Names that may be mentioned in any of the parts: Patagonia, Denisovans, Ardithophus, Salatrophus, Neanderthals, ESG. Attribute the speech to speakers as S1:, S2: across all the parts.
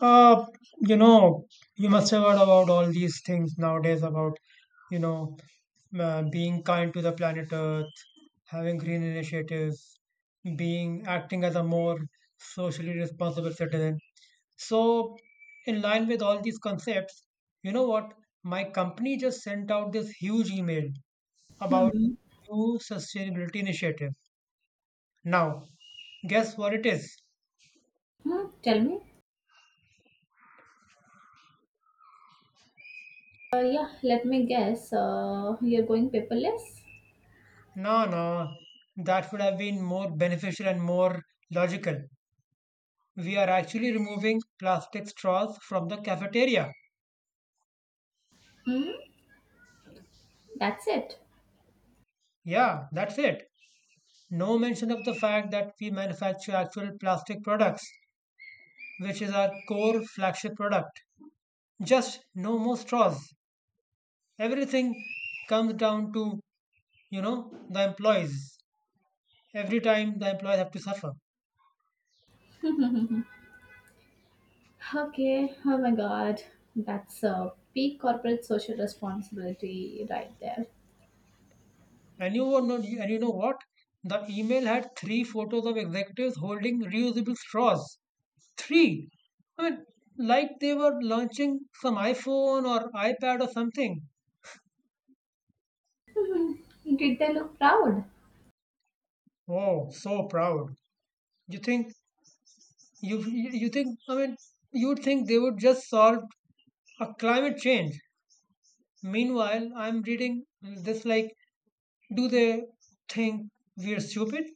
S1: Uh, you know, you must have heard about all these things nowadays about, you know, being kind to the planet Earth, having green initiatives, being acting as a more socially responsible citizen. So, in line with all these concepts, you know what? My company just sent out this huge email about
S2: Hmm.
S1: new sustainability initiative. Now, guess what it is?
S2: Tell me. Yeah, let me guess. You're going paperless?
S1: No, no, that would have been more beneficial and more logical. We are actually removing plastic straws from the cafeteria.
S2: Hmm? That's it.
S1: Yeah, that's it. No mention of the fact that we manufacture actual plastic products, which is our core flagship product. Just no more straws. Everything comes down to, the employees. Every time the employees have to suffer.
S2: Okay. Oh my god. That's a peak corporate social responsibility right there.
S1: And you were not, and you know what? The email had three photos of executives holding reusable straws. Three. I mean, like they were launching some iPhone or iPad or something.
S2: Hmm. Did they look proud?
S1: Oh, so proud. You think you you you think I mean you'd think they would just solve a climate change. Meanwhile, I'm reading this like, do they think we're stupid?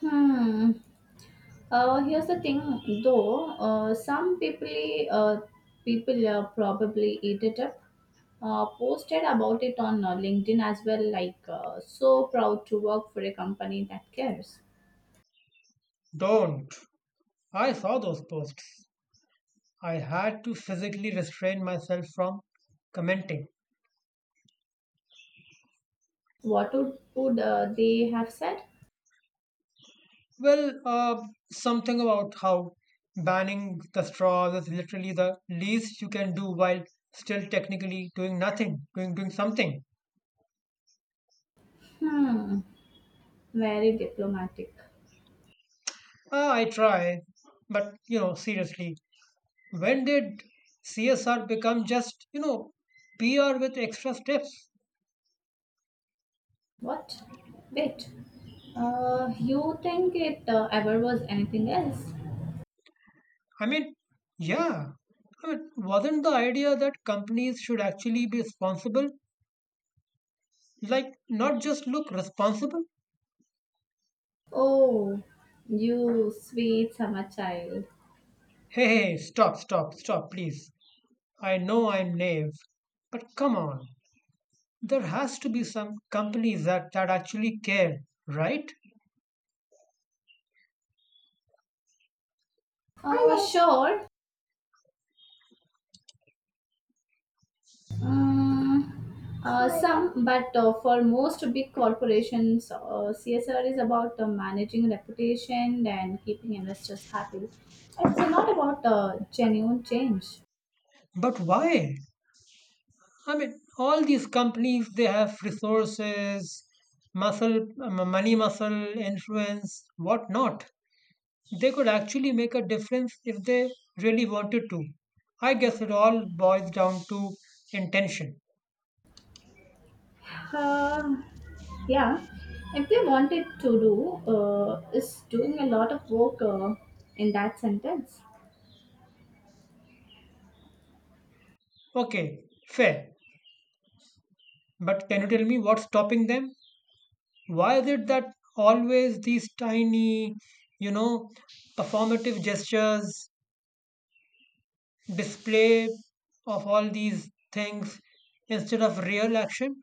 S2: Hmm. Here's the thing, though. Uh, some people, uh, people uh, probably eat it up. Posted about it on LinkedIn as well. Like, so proud to work for a company that cares.
S1: Don't. I saw those posts. I had to physically restrain myself from commenting.
S2: What would they have said?
S1: Well, something about how banning the straws is literally the least you can do while still technically doing nothing, doing something.
S2: Hmm, Very diplomatic.
S1: Ah, I try, but you know, seriously, when did CSR become just PR with extra steps?
S2: What? Wait, you think it ever was anything else?
S1: I mean, yeah, I mean, wasn't the idea that companies should actually be responsible? Like, not just look responsible.
S2: Oh, you sweet summer child.
S1: Hey, hey, hey, stop, stop, stop, please. I know I'm naive, but come on. There has to be some companies that actually care, right?
S2: Oh, sure. Mm, some, but for most big corporations, CSR is about managing reputation and keeping investors happy. It's not about genuine change.
S1: But why? I mean, all these companies, they have resources, muscle, money, muscle, influence, whatnot. They could actually make a difference if they really wanted to. I guess it all boils down to intention.
S2: Um, yeah, if they wanted to do, is doing a lot of work in that sentence.
S1: Okay, fair. But can you tell me what's stopping them? Why is it that always these tiny, you know, performative gestures, display of all these things instead of real action?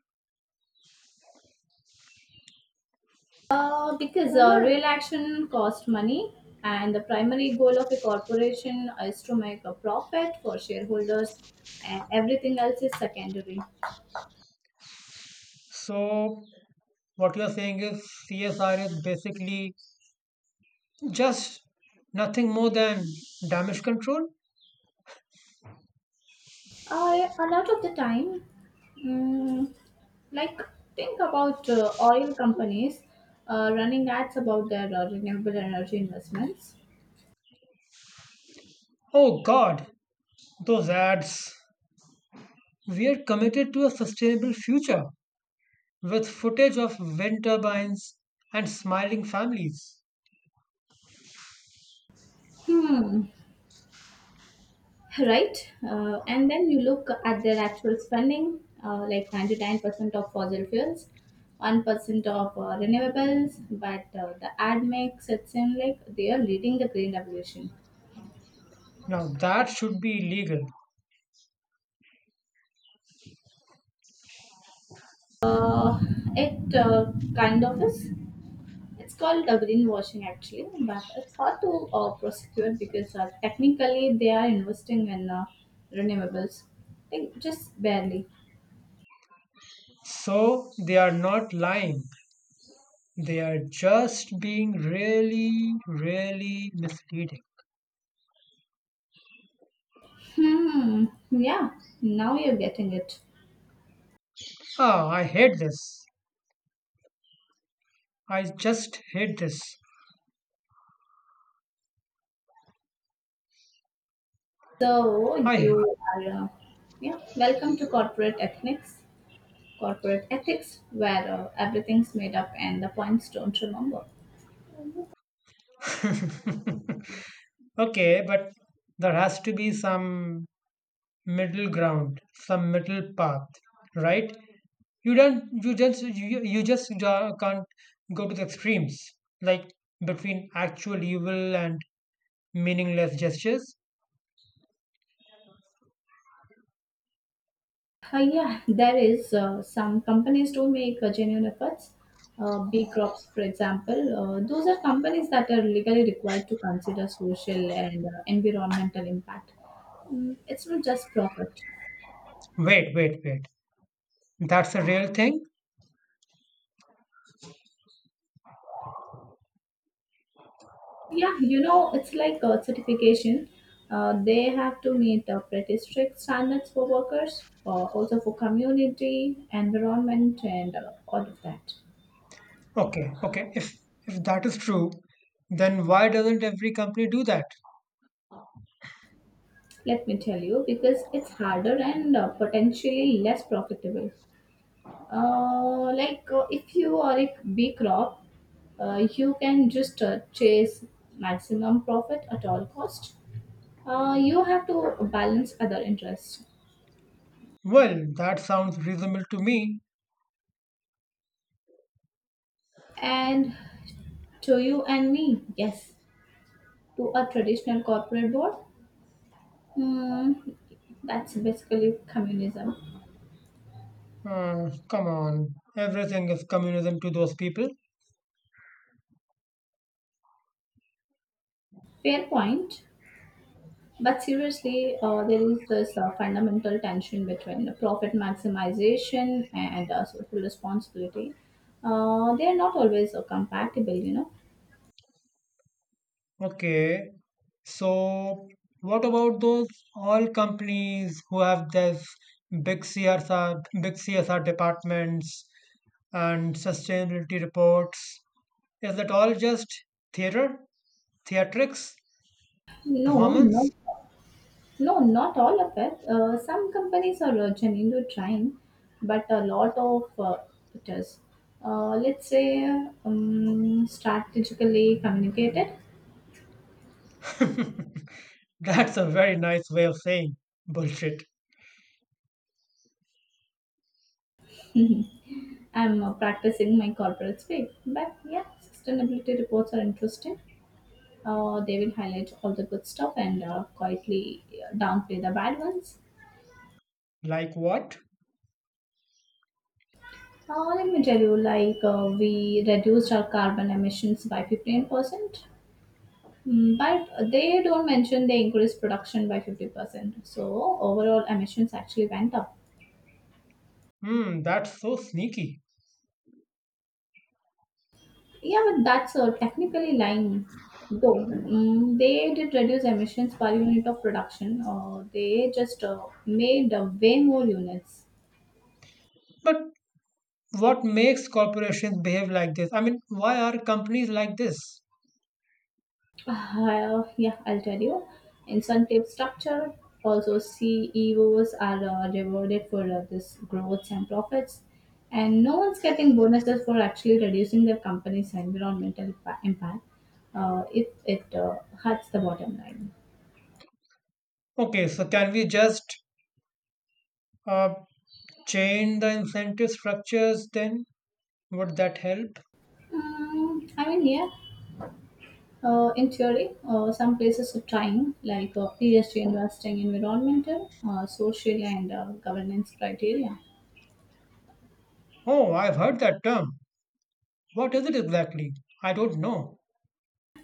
S2: Because real action costs money, and the primary goal of a corporation is to make a profit for shareholders, and everything else is secondary.
S1: So, what you're saying is CSR is basically just nothing more than damage control?
S2: I, a lot of the time, mm, like think about oil companies running ads about their renewable energy investments.
S1: Oh god, those ads. We are committed to a sustainable future with footage of wind turbines and smiling families.
S2: Hmm. Right. And then you look at their actual spending, like 99% of fossil fuels, 1% of renewables, but the ad makes it seem like they are leading the green revolution.
S1: Now that should be illegal.
S2: Uh, it kind of is. It's called greenwashing actually, but it's hard to prosecute because technically they are investing in renewables, like just barely.
S1: So they are not lying. They are just being really, really misleading.
S2: Hmm. Yeah. Now you're getting it.
S1: Ah, I hate this. I just hate this.
S2: So
S1: I
S2: you are, uh, yeah, welcome to corporate ethics. Corporate ethics, where everything's made up and the points don't remember.
S1: Okay, but there has to be some middle ground, some middle path, right? You don't, you just, you just can't go to the extremes, like between actual evil and meaningless gestures.
S2: Yeah, there is some companies do make genuine efforts. B crops, for example, those are companies that are legally required to consider social and environmental impact. It's not just profit.
S1: Wait, wait, wait. That's a real thing?
S2: Yeah, it's like a certification. They have to meet pretty strict standards for workers, also for community, environment, and all of that.
S1: Okay, okay. If that is true, then why doesn't every company do that?
S2: Let me tell you, because it's harder and potentially less profitable. Like if you are a B crop, you can just chase maximum profit at all cost. You have to balance other interests.
S1: Well, that sounds reasonable to me.
S2: And to you and me, yes, to a traditional corporate board. Hmm, that's basically communism.
S1: Come on, everything is communism to those people.
S2: Fair point. But seriously, there is this fundamental tension between profit maximization and social responsibility. They are not always compatible.
S1: Okay, so what about those all companies who have this big CSR, big CSR departments and sustainability reports? Is that all just theater, theatrics,
S2: No, no,
S1: performance?
S2: no, not all of it. Some companies are genuinely trying, but a lot of it is. Let's say strategically communicated.
S1: That's a very nice way of saying bullshit.
S2: I'm practicing my corporate speak, but yeah, sustainability reports are interesting. They will highlight all the good stuff and quietly downplay the bad ones.
S1: Like what?
S2: Let me tell you, like we reduced our carbon emissions by 15%, but they don't mention they increased production by 50%. So overall emissions actually went up.
S1: Hmm, that's so sneaky.
S2: Yeah, but that's technically lying. Though they did reduce emissions per unit of production, they just made way more units.
S1: But what makes corporations behave like this? I mean, why are companies like this?
S2: Yeah, I'll tell you. Incentive structure. Also, CEOs are rewarded for this growth and profits, and no one's getting bonuses for actually reducing their company's environmental impact. If it hurts the bottom line.
S1: Okay, so can we just uh, change the incentive structures then? Would that help?
S2: I mean, yeah, in theory, some places are trying, like ESG investing, environmental, social, and governance criteria.
S1: Oh, I've heard that term. What is it exactly? I don't know.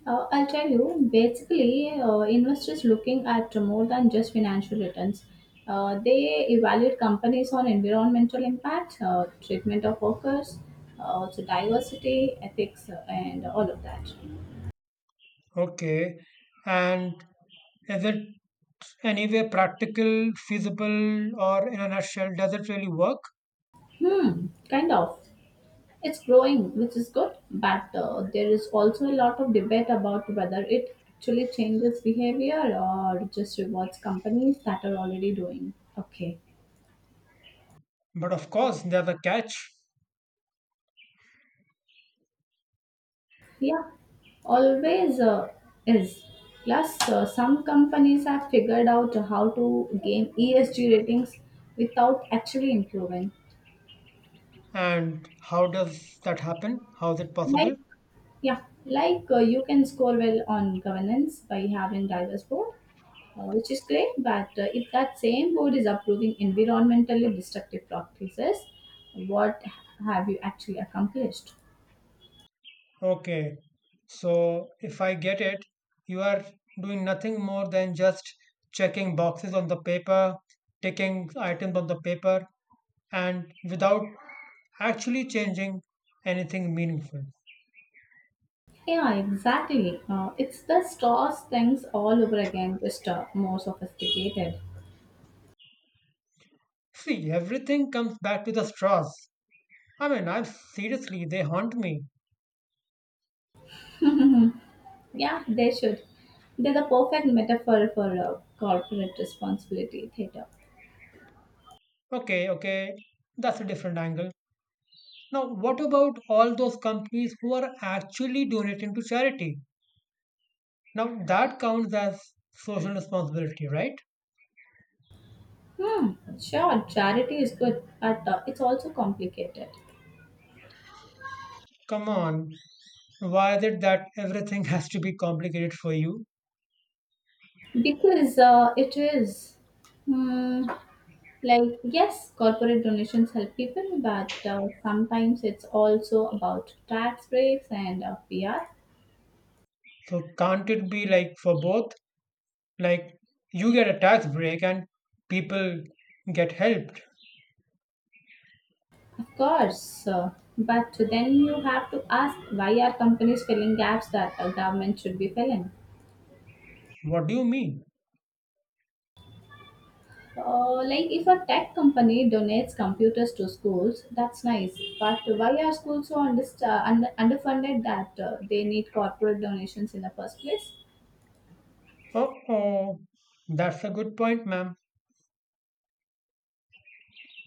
S2: I'll tell you, basically, investors looking at more than just financial returns. They evaluate companies on environmental impact, treatment of workers, also diversity, ethics, and all of that.
S1: Okay, and is it anyway practical, feasible, or in a nutshell, does it really work?
S2: Kind of. It's growing, which is good, but there is also a lot of debate about whether it actually changes behavior or just rewards companies that are already doing okay.
S1: But of course, they have a catch.
S2: Yeah, always is. Plus, some companies have figured out how to gain ESG ratings without actually improving.
S1: And how does that happen? How is it
S2: Like
S1: possible?
S2: Yeah, like you can score well on governance by having diverse board, which is great. But if that same board is approving environmentally destructive practices, what have you actually accomplished?
S1: Okay, so if I get it, you are doing nothing more than just checking boxes on the paper, ticking items on the paper, and without actually changing anything meaningful.
S2: Yeah, exactly. It's the stars things all over again, just more sophisticated.
S1: See, everything comes back to the straws. I mean, I'm seriously, they haunt me.
S2: Yeah, they should. They're the perfect metaphor for corporate responsibility theater.
S1: Okay, okay, that's a different angle. Now, what about all those companies who are actually donating to charity? Now, that counts as social responsibility, right?
S2: Hmm, sure, charity is good, but it's also complicated.
S1: Come on, why is it that everything has to be complicated for you?
S2: Because it is. Mm, like, yes, corporate donations help people, but sometimes it's also about tax breaks and PR.
S1: So, can't it be like for both? Like, you get a tax break and people get helped.
S2: Of course. But then you have to ask why are companies filling gaps that a government should be filling?
S1: What do you mean?
S2: Like if a tech company donates computers to schools, that's nice. But why are schools so underfunded that they need corporate donations in the first place?
S1: Oh, oh, that's a good point, ma'am.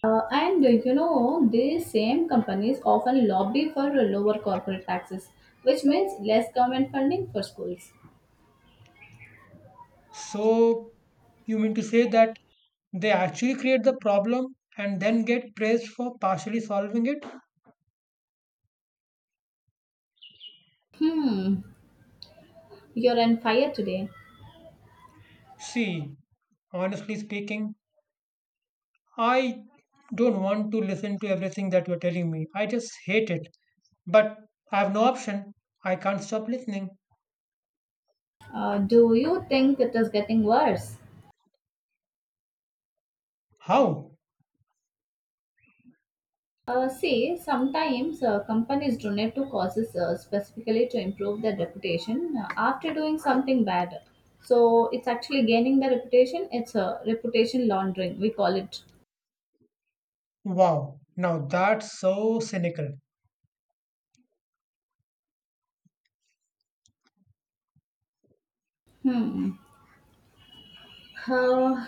S2: And these same companies often lobby for lower corporate taxes, which means less government funding for schools.
S1: So you mean to say that they actually create the problem and then get praised for partially solving it?
S2: Hmm, you're on fire today.
S1: See, honestly speaking, I don't want to listen to everything that you're telling me. I just hate it. But I have no option. I can't stop listening.
S2: Do you think it is getting worse?
S1: How?
S2: See, sometimes companies donate to causes specifically to improve their reputation after doing something bad. So it's actually gaining the reputation. It's a reputation laundering, we call it.
S1: Wow. Now that's so cynical.
S2: Hmm. Uh,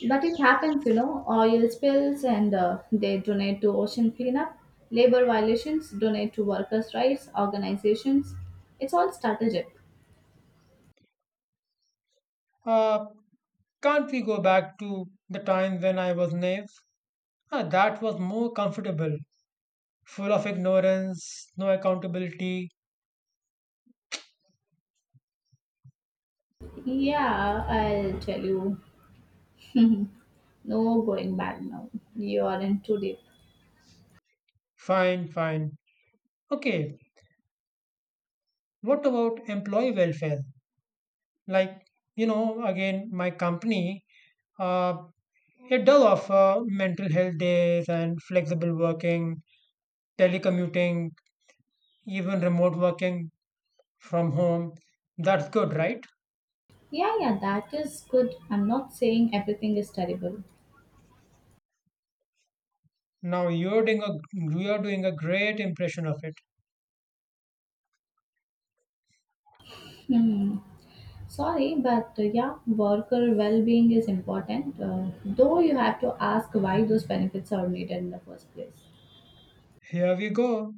S2: But it happens, oil spills and they donate to ocean cleanup, labor violations donate to workers' rights organizations. It's all strategic.
S1: Uh, can't we go back to the time when I was naive? Ah, that was more comfortable, full of ignorance, no accountability.
S2: Yeah, I'll tell you. No going back now. You are in too deep.
S1: Fine, fine. Okay, what about employee welfare? Like, you know, again, my company, uh, it does offer mental health days and flexible working, telecommuting, even remote working from home. That's good, right?
S2: Yeah, yeah, that is good. I'm not saying everything is terrible.
S1: Now you're doing a you are doing a great impression of it.
S2: Hmm. Sorry, but yeah, worker well being is important, though you have to ask why those benefits are needed in the first place.
S1: Here we go.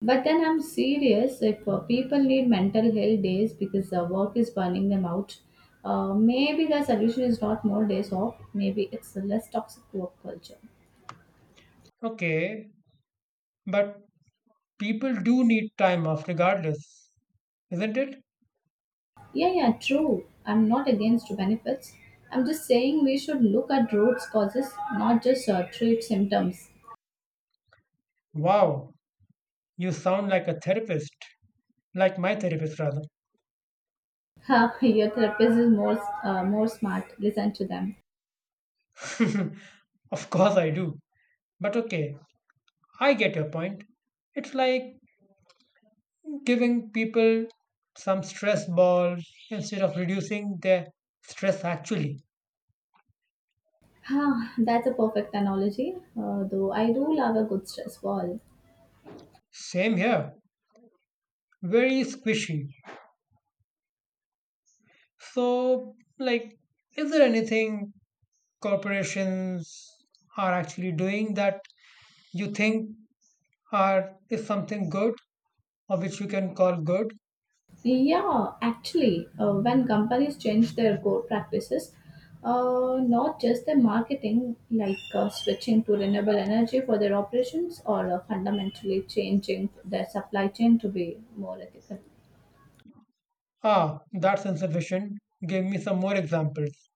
S2: But then I'm serious. If people need mental health days because the work is burning them out, maybe the solution is not more days off. Maybe it's a less toxic work culture.
S1: Okay, but people do need time off regardless, isn't it?
S2: Yeah, yeah, true. I'm not against benefits. I'm just saying we should look at root causes, not just treat symptoms.
S1: Wow, you sound like a therapist, like my therapist, rather.
S2: Ha, your therapist is more smart. Listen to them.
S1: Of course, I do. But okay, I get your point. It's like giving people some stress balls instead of reducing their stress, actually.
S2: Ah, that's a perfect analogy. Though I do love a good stress ball.
S1: Same here, very squishy. So, like, is there anything corporations are actually doing that you think are is something good or which you can call good?
S2: Yeah, actually, when companies change their core practices, not just their marketing, like switching to renewable energy for their operations, or fundamentally changing their supply chain to be more ethical.
S1: Ah, that's insufficient. Give me some more examples.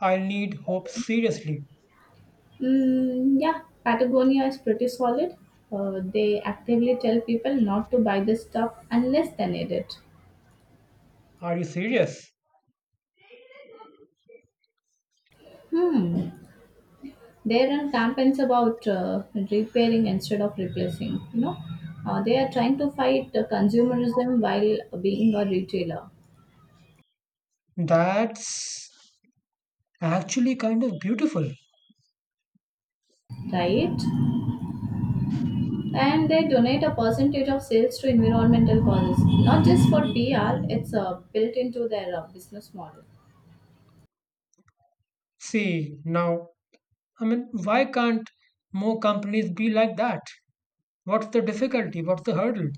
S1: I need hope seriously.
S2: Yeah, Patagonia is pretty solid. They actively tell people not to buy this stuff unless they need it.
S1: Are you serious?
S2: Hmm, There are campaigns about repairing instead of replacing. They are trying to fight consumerism while being a retailer,
S1: That's actually kind of beautiful.
S2: right? And they donate a percentage of sales to environmental causes, not just for PR. It's built into their business model.
S1: See, now, I mean, why can't more companies be like that? What's the difficulty? What's the hurdle?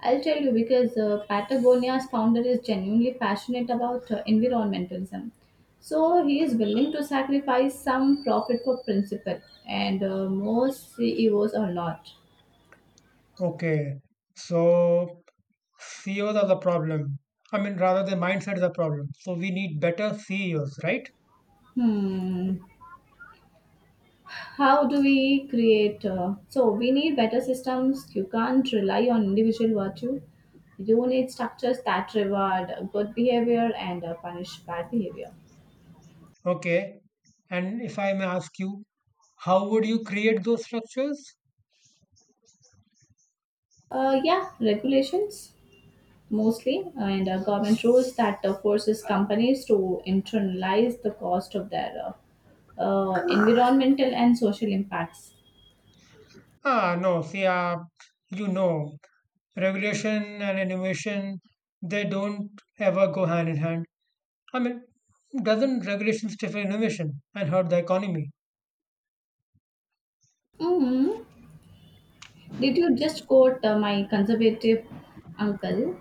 S2: I'll tell you because Patagonia's founder is genuinely passionate about environmentalism. So he is willing to sacrifice some profit for principle, and most CEOs are not.
S1: Okay, so CEOs are the problem. I mean, rather, the mindset is the problem. So we need better CEOs, right?
S2: Hmm. How do we create? So we need better systems. You can't rely on individual virtue. You need structures that reward good behavior and punish bad behavior.
S1: Okay, and if I may ask you, how would you create those structures?
S2: Yeah, regulations mostly, and government rules that forces companies to internalize the cost of their environmental and social impacts.
S1: Ah, no, see, you know, regulation and innovation, they don't ever go hand in hand. I mean, doesn't regulation stifle innovation and hurt the economy?
S2: hmm Did you just quote my conservative uncle?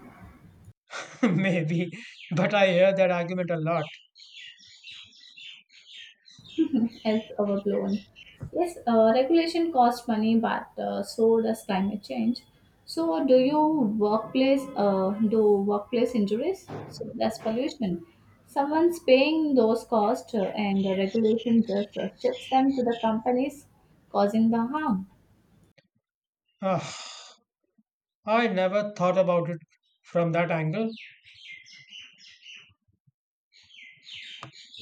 S1: Maybe, but I hear that argument a lot.
S2: As overblown. Yes, regulation costs money, but so does climate change. So, do workplace injuries? So that's pollution. Someone's paying those costs, and the regulation just shifts them to the companies causing the harm.
S1: Ah, I never thought about it from that angle.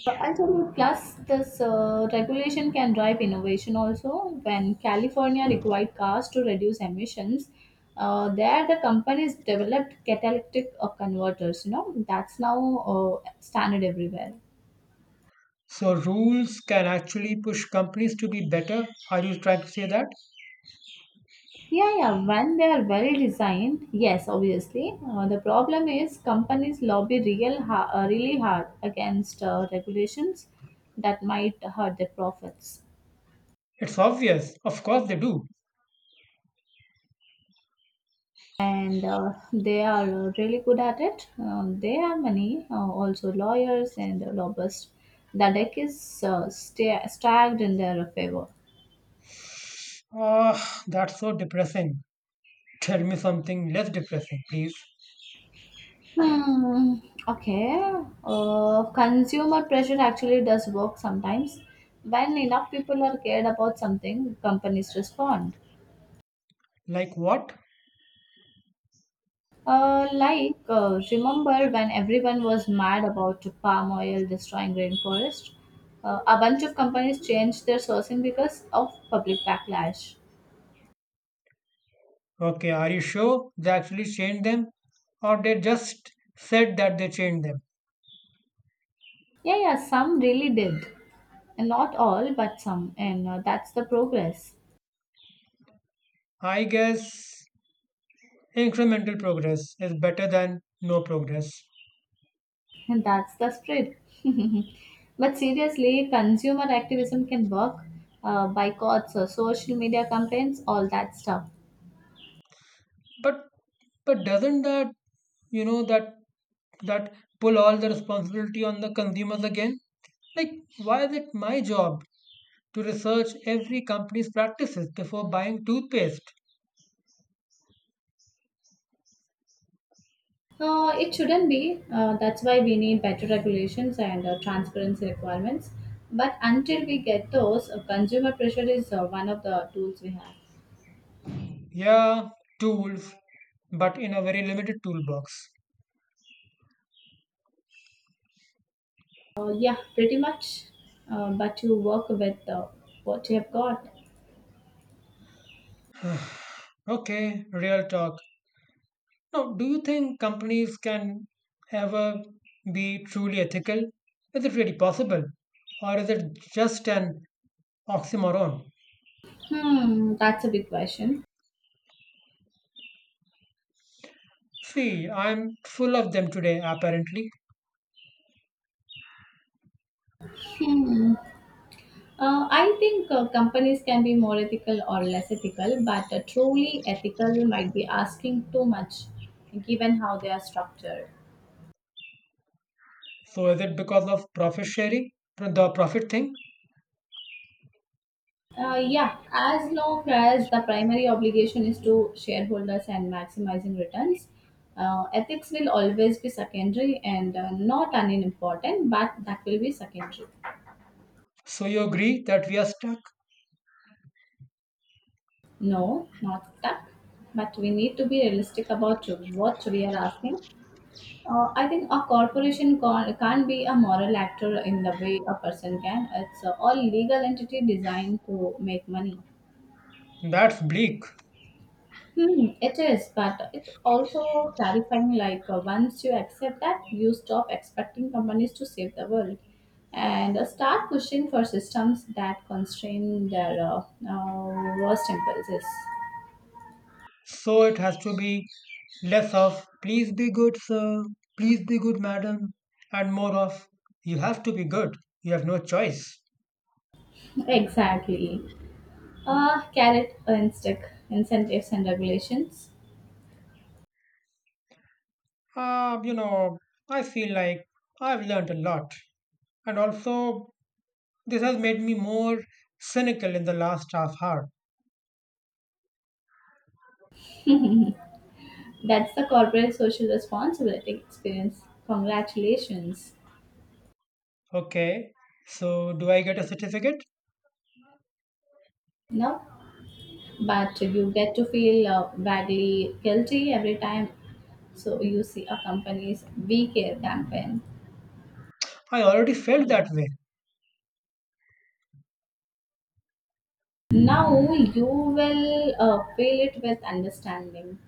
S2: I told plus this regulation can drive innovation also. When California required cars to reduce emissions, there the companies developed catalytic converters. You know that's now standard everywhere.
S1: So, rules can actually push companies to be better. Are you trying to say that?
S2: Yeah, yeah. When they are well designed, yes, obviously. The problem is companies lobby really hard against regulations that might hurt their profits.
S1: It's obvious. Of course, they do.
S2: And they are really good at it. They are many, also lawyers and lobbyists. The deck is stacked in their favor.
S1: Ah, that's so depressing. Tell me something less depressing, please.
S2: Hmm. Okay. Consumer pressure actually does work sometimes. When enough people are cared about something, companies respond.
S1: Like what?
S2: Like, remember when everyone was mad about palm oil destroying rainforest? A bunch of companies changed their sourcing because of public backlash.
S1: Okay, are you sure they actually changed them? Or they just said that they changed them?
S2: Yeah, yeah, some really did. And not all, but some. And that's the progress.
S1: I guess incremental progress is better than no progress.
S2: And that's the spread. But seriously, consumer activism can work, boycotts, social media campaigns, all that stuff.
S1: But but doesn't that you know that that pull all the responsibility on the consumers again? Like why is it my job to research every company's practices before buying toothpaste?
S2: It shouldn't be. That's why we need better regulations and transparency requirements. But until we get those, consumer pressure is one of the tools we have.
S1: Yeah, tools, but in a very limited toolbox.
S2: Yeah, pretty much. But you work with what you have got.
S1: Okay, real talk. Now, do you think companies can ever be truly ethical? Is it really possible? Or is it just an oxymoron?
S2: That's a big question.
S1: See, I'm full of them today, apparently.
S2: Hmm. I think companies can be more ethical or less ethical, but truly ethical might be asking too much given how they are structured.
S1: So, is it because of profit sharing? The profit thing?
S2: Yeah, as long as the primary obligation is to shareholders and maximizing returns, ethics will always be secondary and not unimportant, but that will be secondary.
S1: So, you agree that we are stuck?
S2: No, not stuck, but we need to be realistic about what we are asking. I think a corporation can't be a moral actor in the way a person can. It's all legal entity designed to make money.
S1: That's bleak.
S2: It is, but it's also clarifying like once you accept that, you stop expecting companies to save the world and start pushing for systems that constrain their worst impulses.
S1: So, it has to be less of, please be good, sir, please be good, madam, and more of, you have to be good. You have no choice.
S2: Exactly. Carrot and stick incentives and regulations.
S1: Uh, you know, I feel like I've learned a lot. And also, this has made me more cynical in the last half hour.
S2: That's the corporate social responsibility experience. Congratulations.
S1: Okay, so do I get a certificate?
S2: Now, but you get to feel vaguely guilty every time so you see a company's We Care campaign.
S1: I already felt that way.
S2: Now you will feel it with understanding.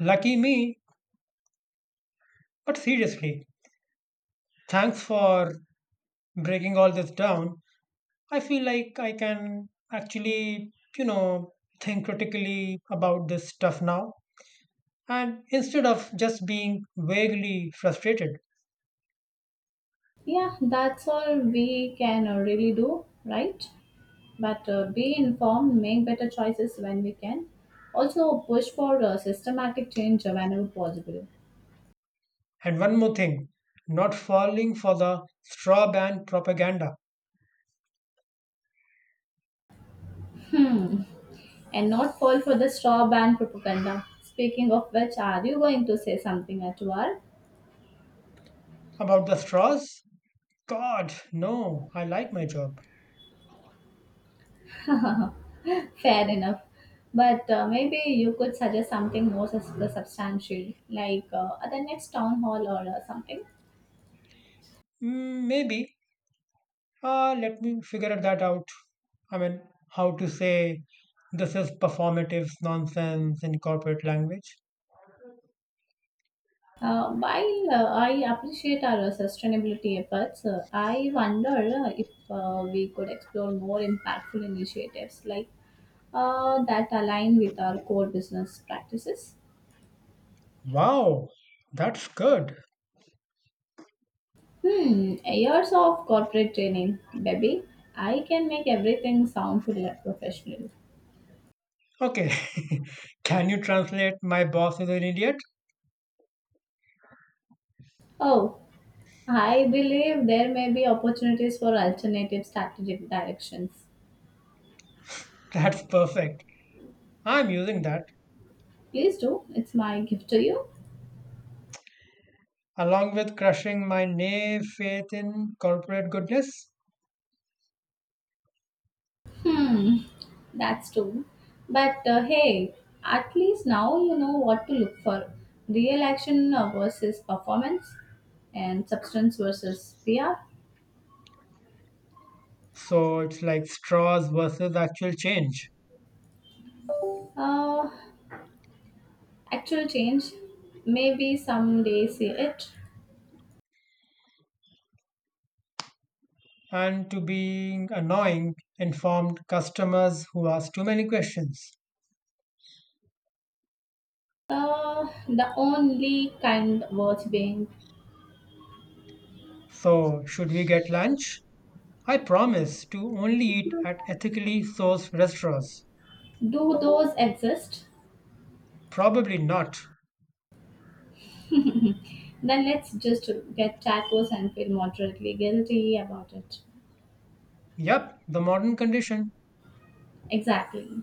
S1: Lucky me. But seriously, thanks for breaking all this down. I feel like I can actually, you know, think critically about this stuff now. And instead of just being vaguely frustrated.
S2: Yeah, that's all we can really do, right? But be informed, make better choices when we can. Also, push for systematic change whenever possible
S1: And one more thing, not falling for the straw ban propaganda
S2: and not fall for the straw band propaganda. Speaking of which, are you going to say something at all?
S1: about the straws. God, no, I like my job.
S2: Fair enough. But maybe you could suggest something more substantial, like at the next town hall or something.
S1: Mm, maybe. Let me figure that out. I mean, how to say this is performative nonsense in corporate language.
S2: While I appreciate our sustainability efforts, I wonder if we could explore more impactful initiatives like that align with our core business practices.
S1: Wow, that's good.
S2: Years of corporate training, baby. I can make everything sound professional.
S1: Okay, can you translate my boss is an idiot?
S2: Oh, I believe there may be opportunities for alternative strategic directions.
S1: That's perfect. I'm using that
S2: Please do. It's my gift to you.
S1: along with crushing my naive faith in corporate goodness.
S2: Hmm, that's true. But hey, at least now you know what to look for real action versus performance, and substance versus PR.
S1: So it's like straws versus actual change.
S2: Uh, Actual change. Maybe someday see it.
S1: And to being annoying, informed customers who ask too many questions.
S2: The only kind worth being.
S1: So, should we get lunch? I promise to only eat at ethically sourced restaurants.
S2: Do those exist?
S1: Probably not.
S2: Then let's just get tacos and feel moderately guilty about it.
S1: Yep, the modern condition.
S2: Exactly.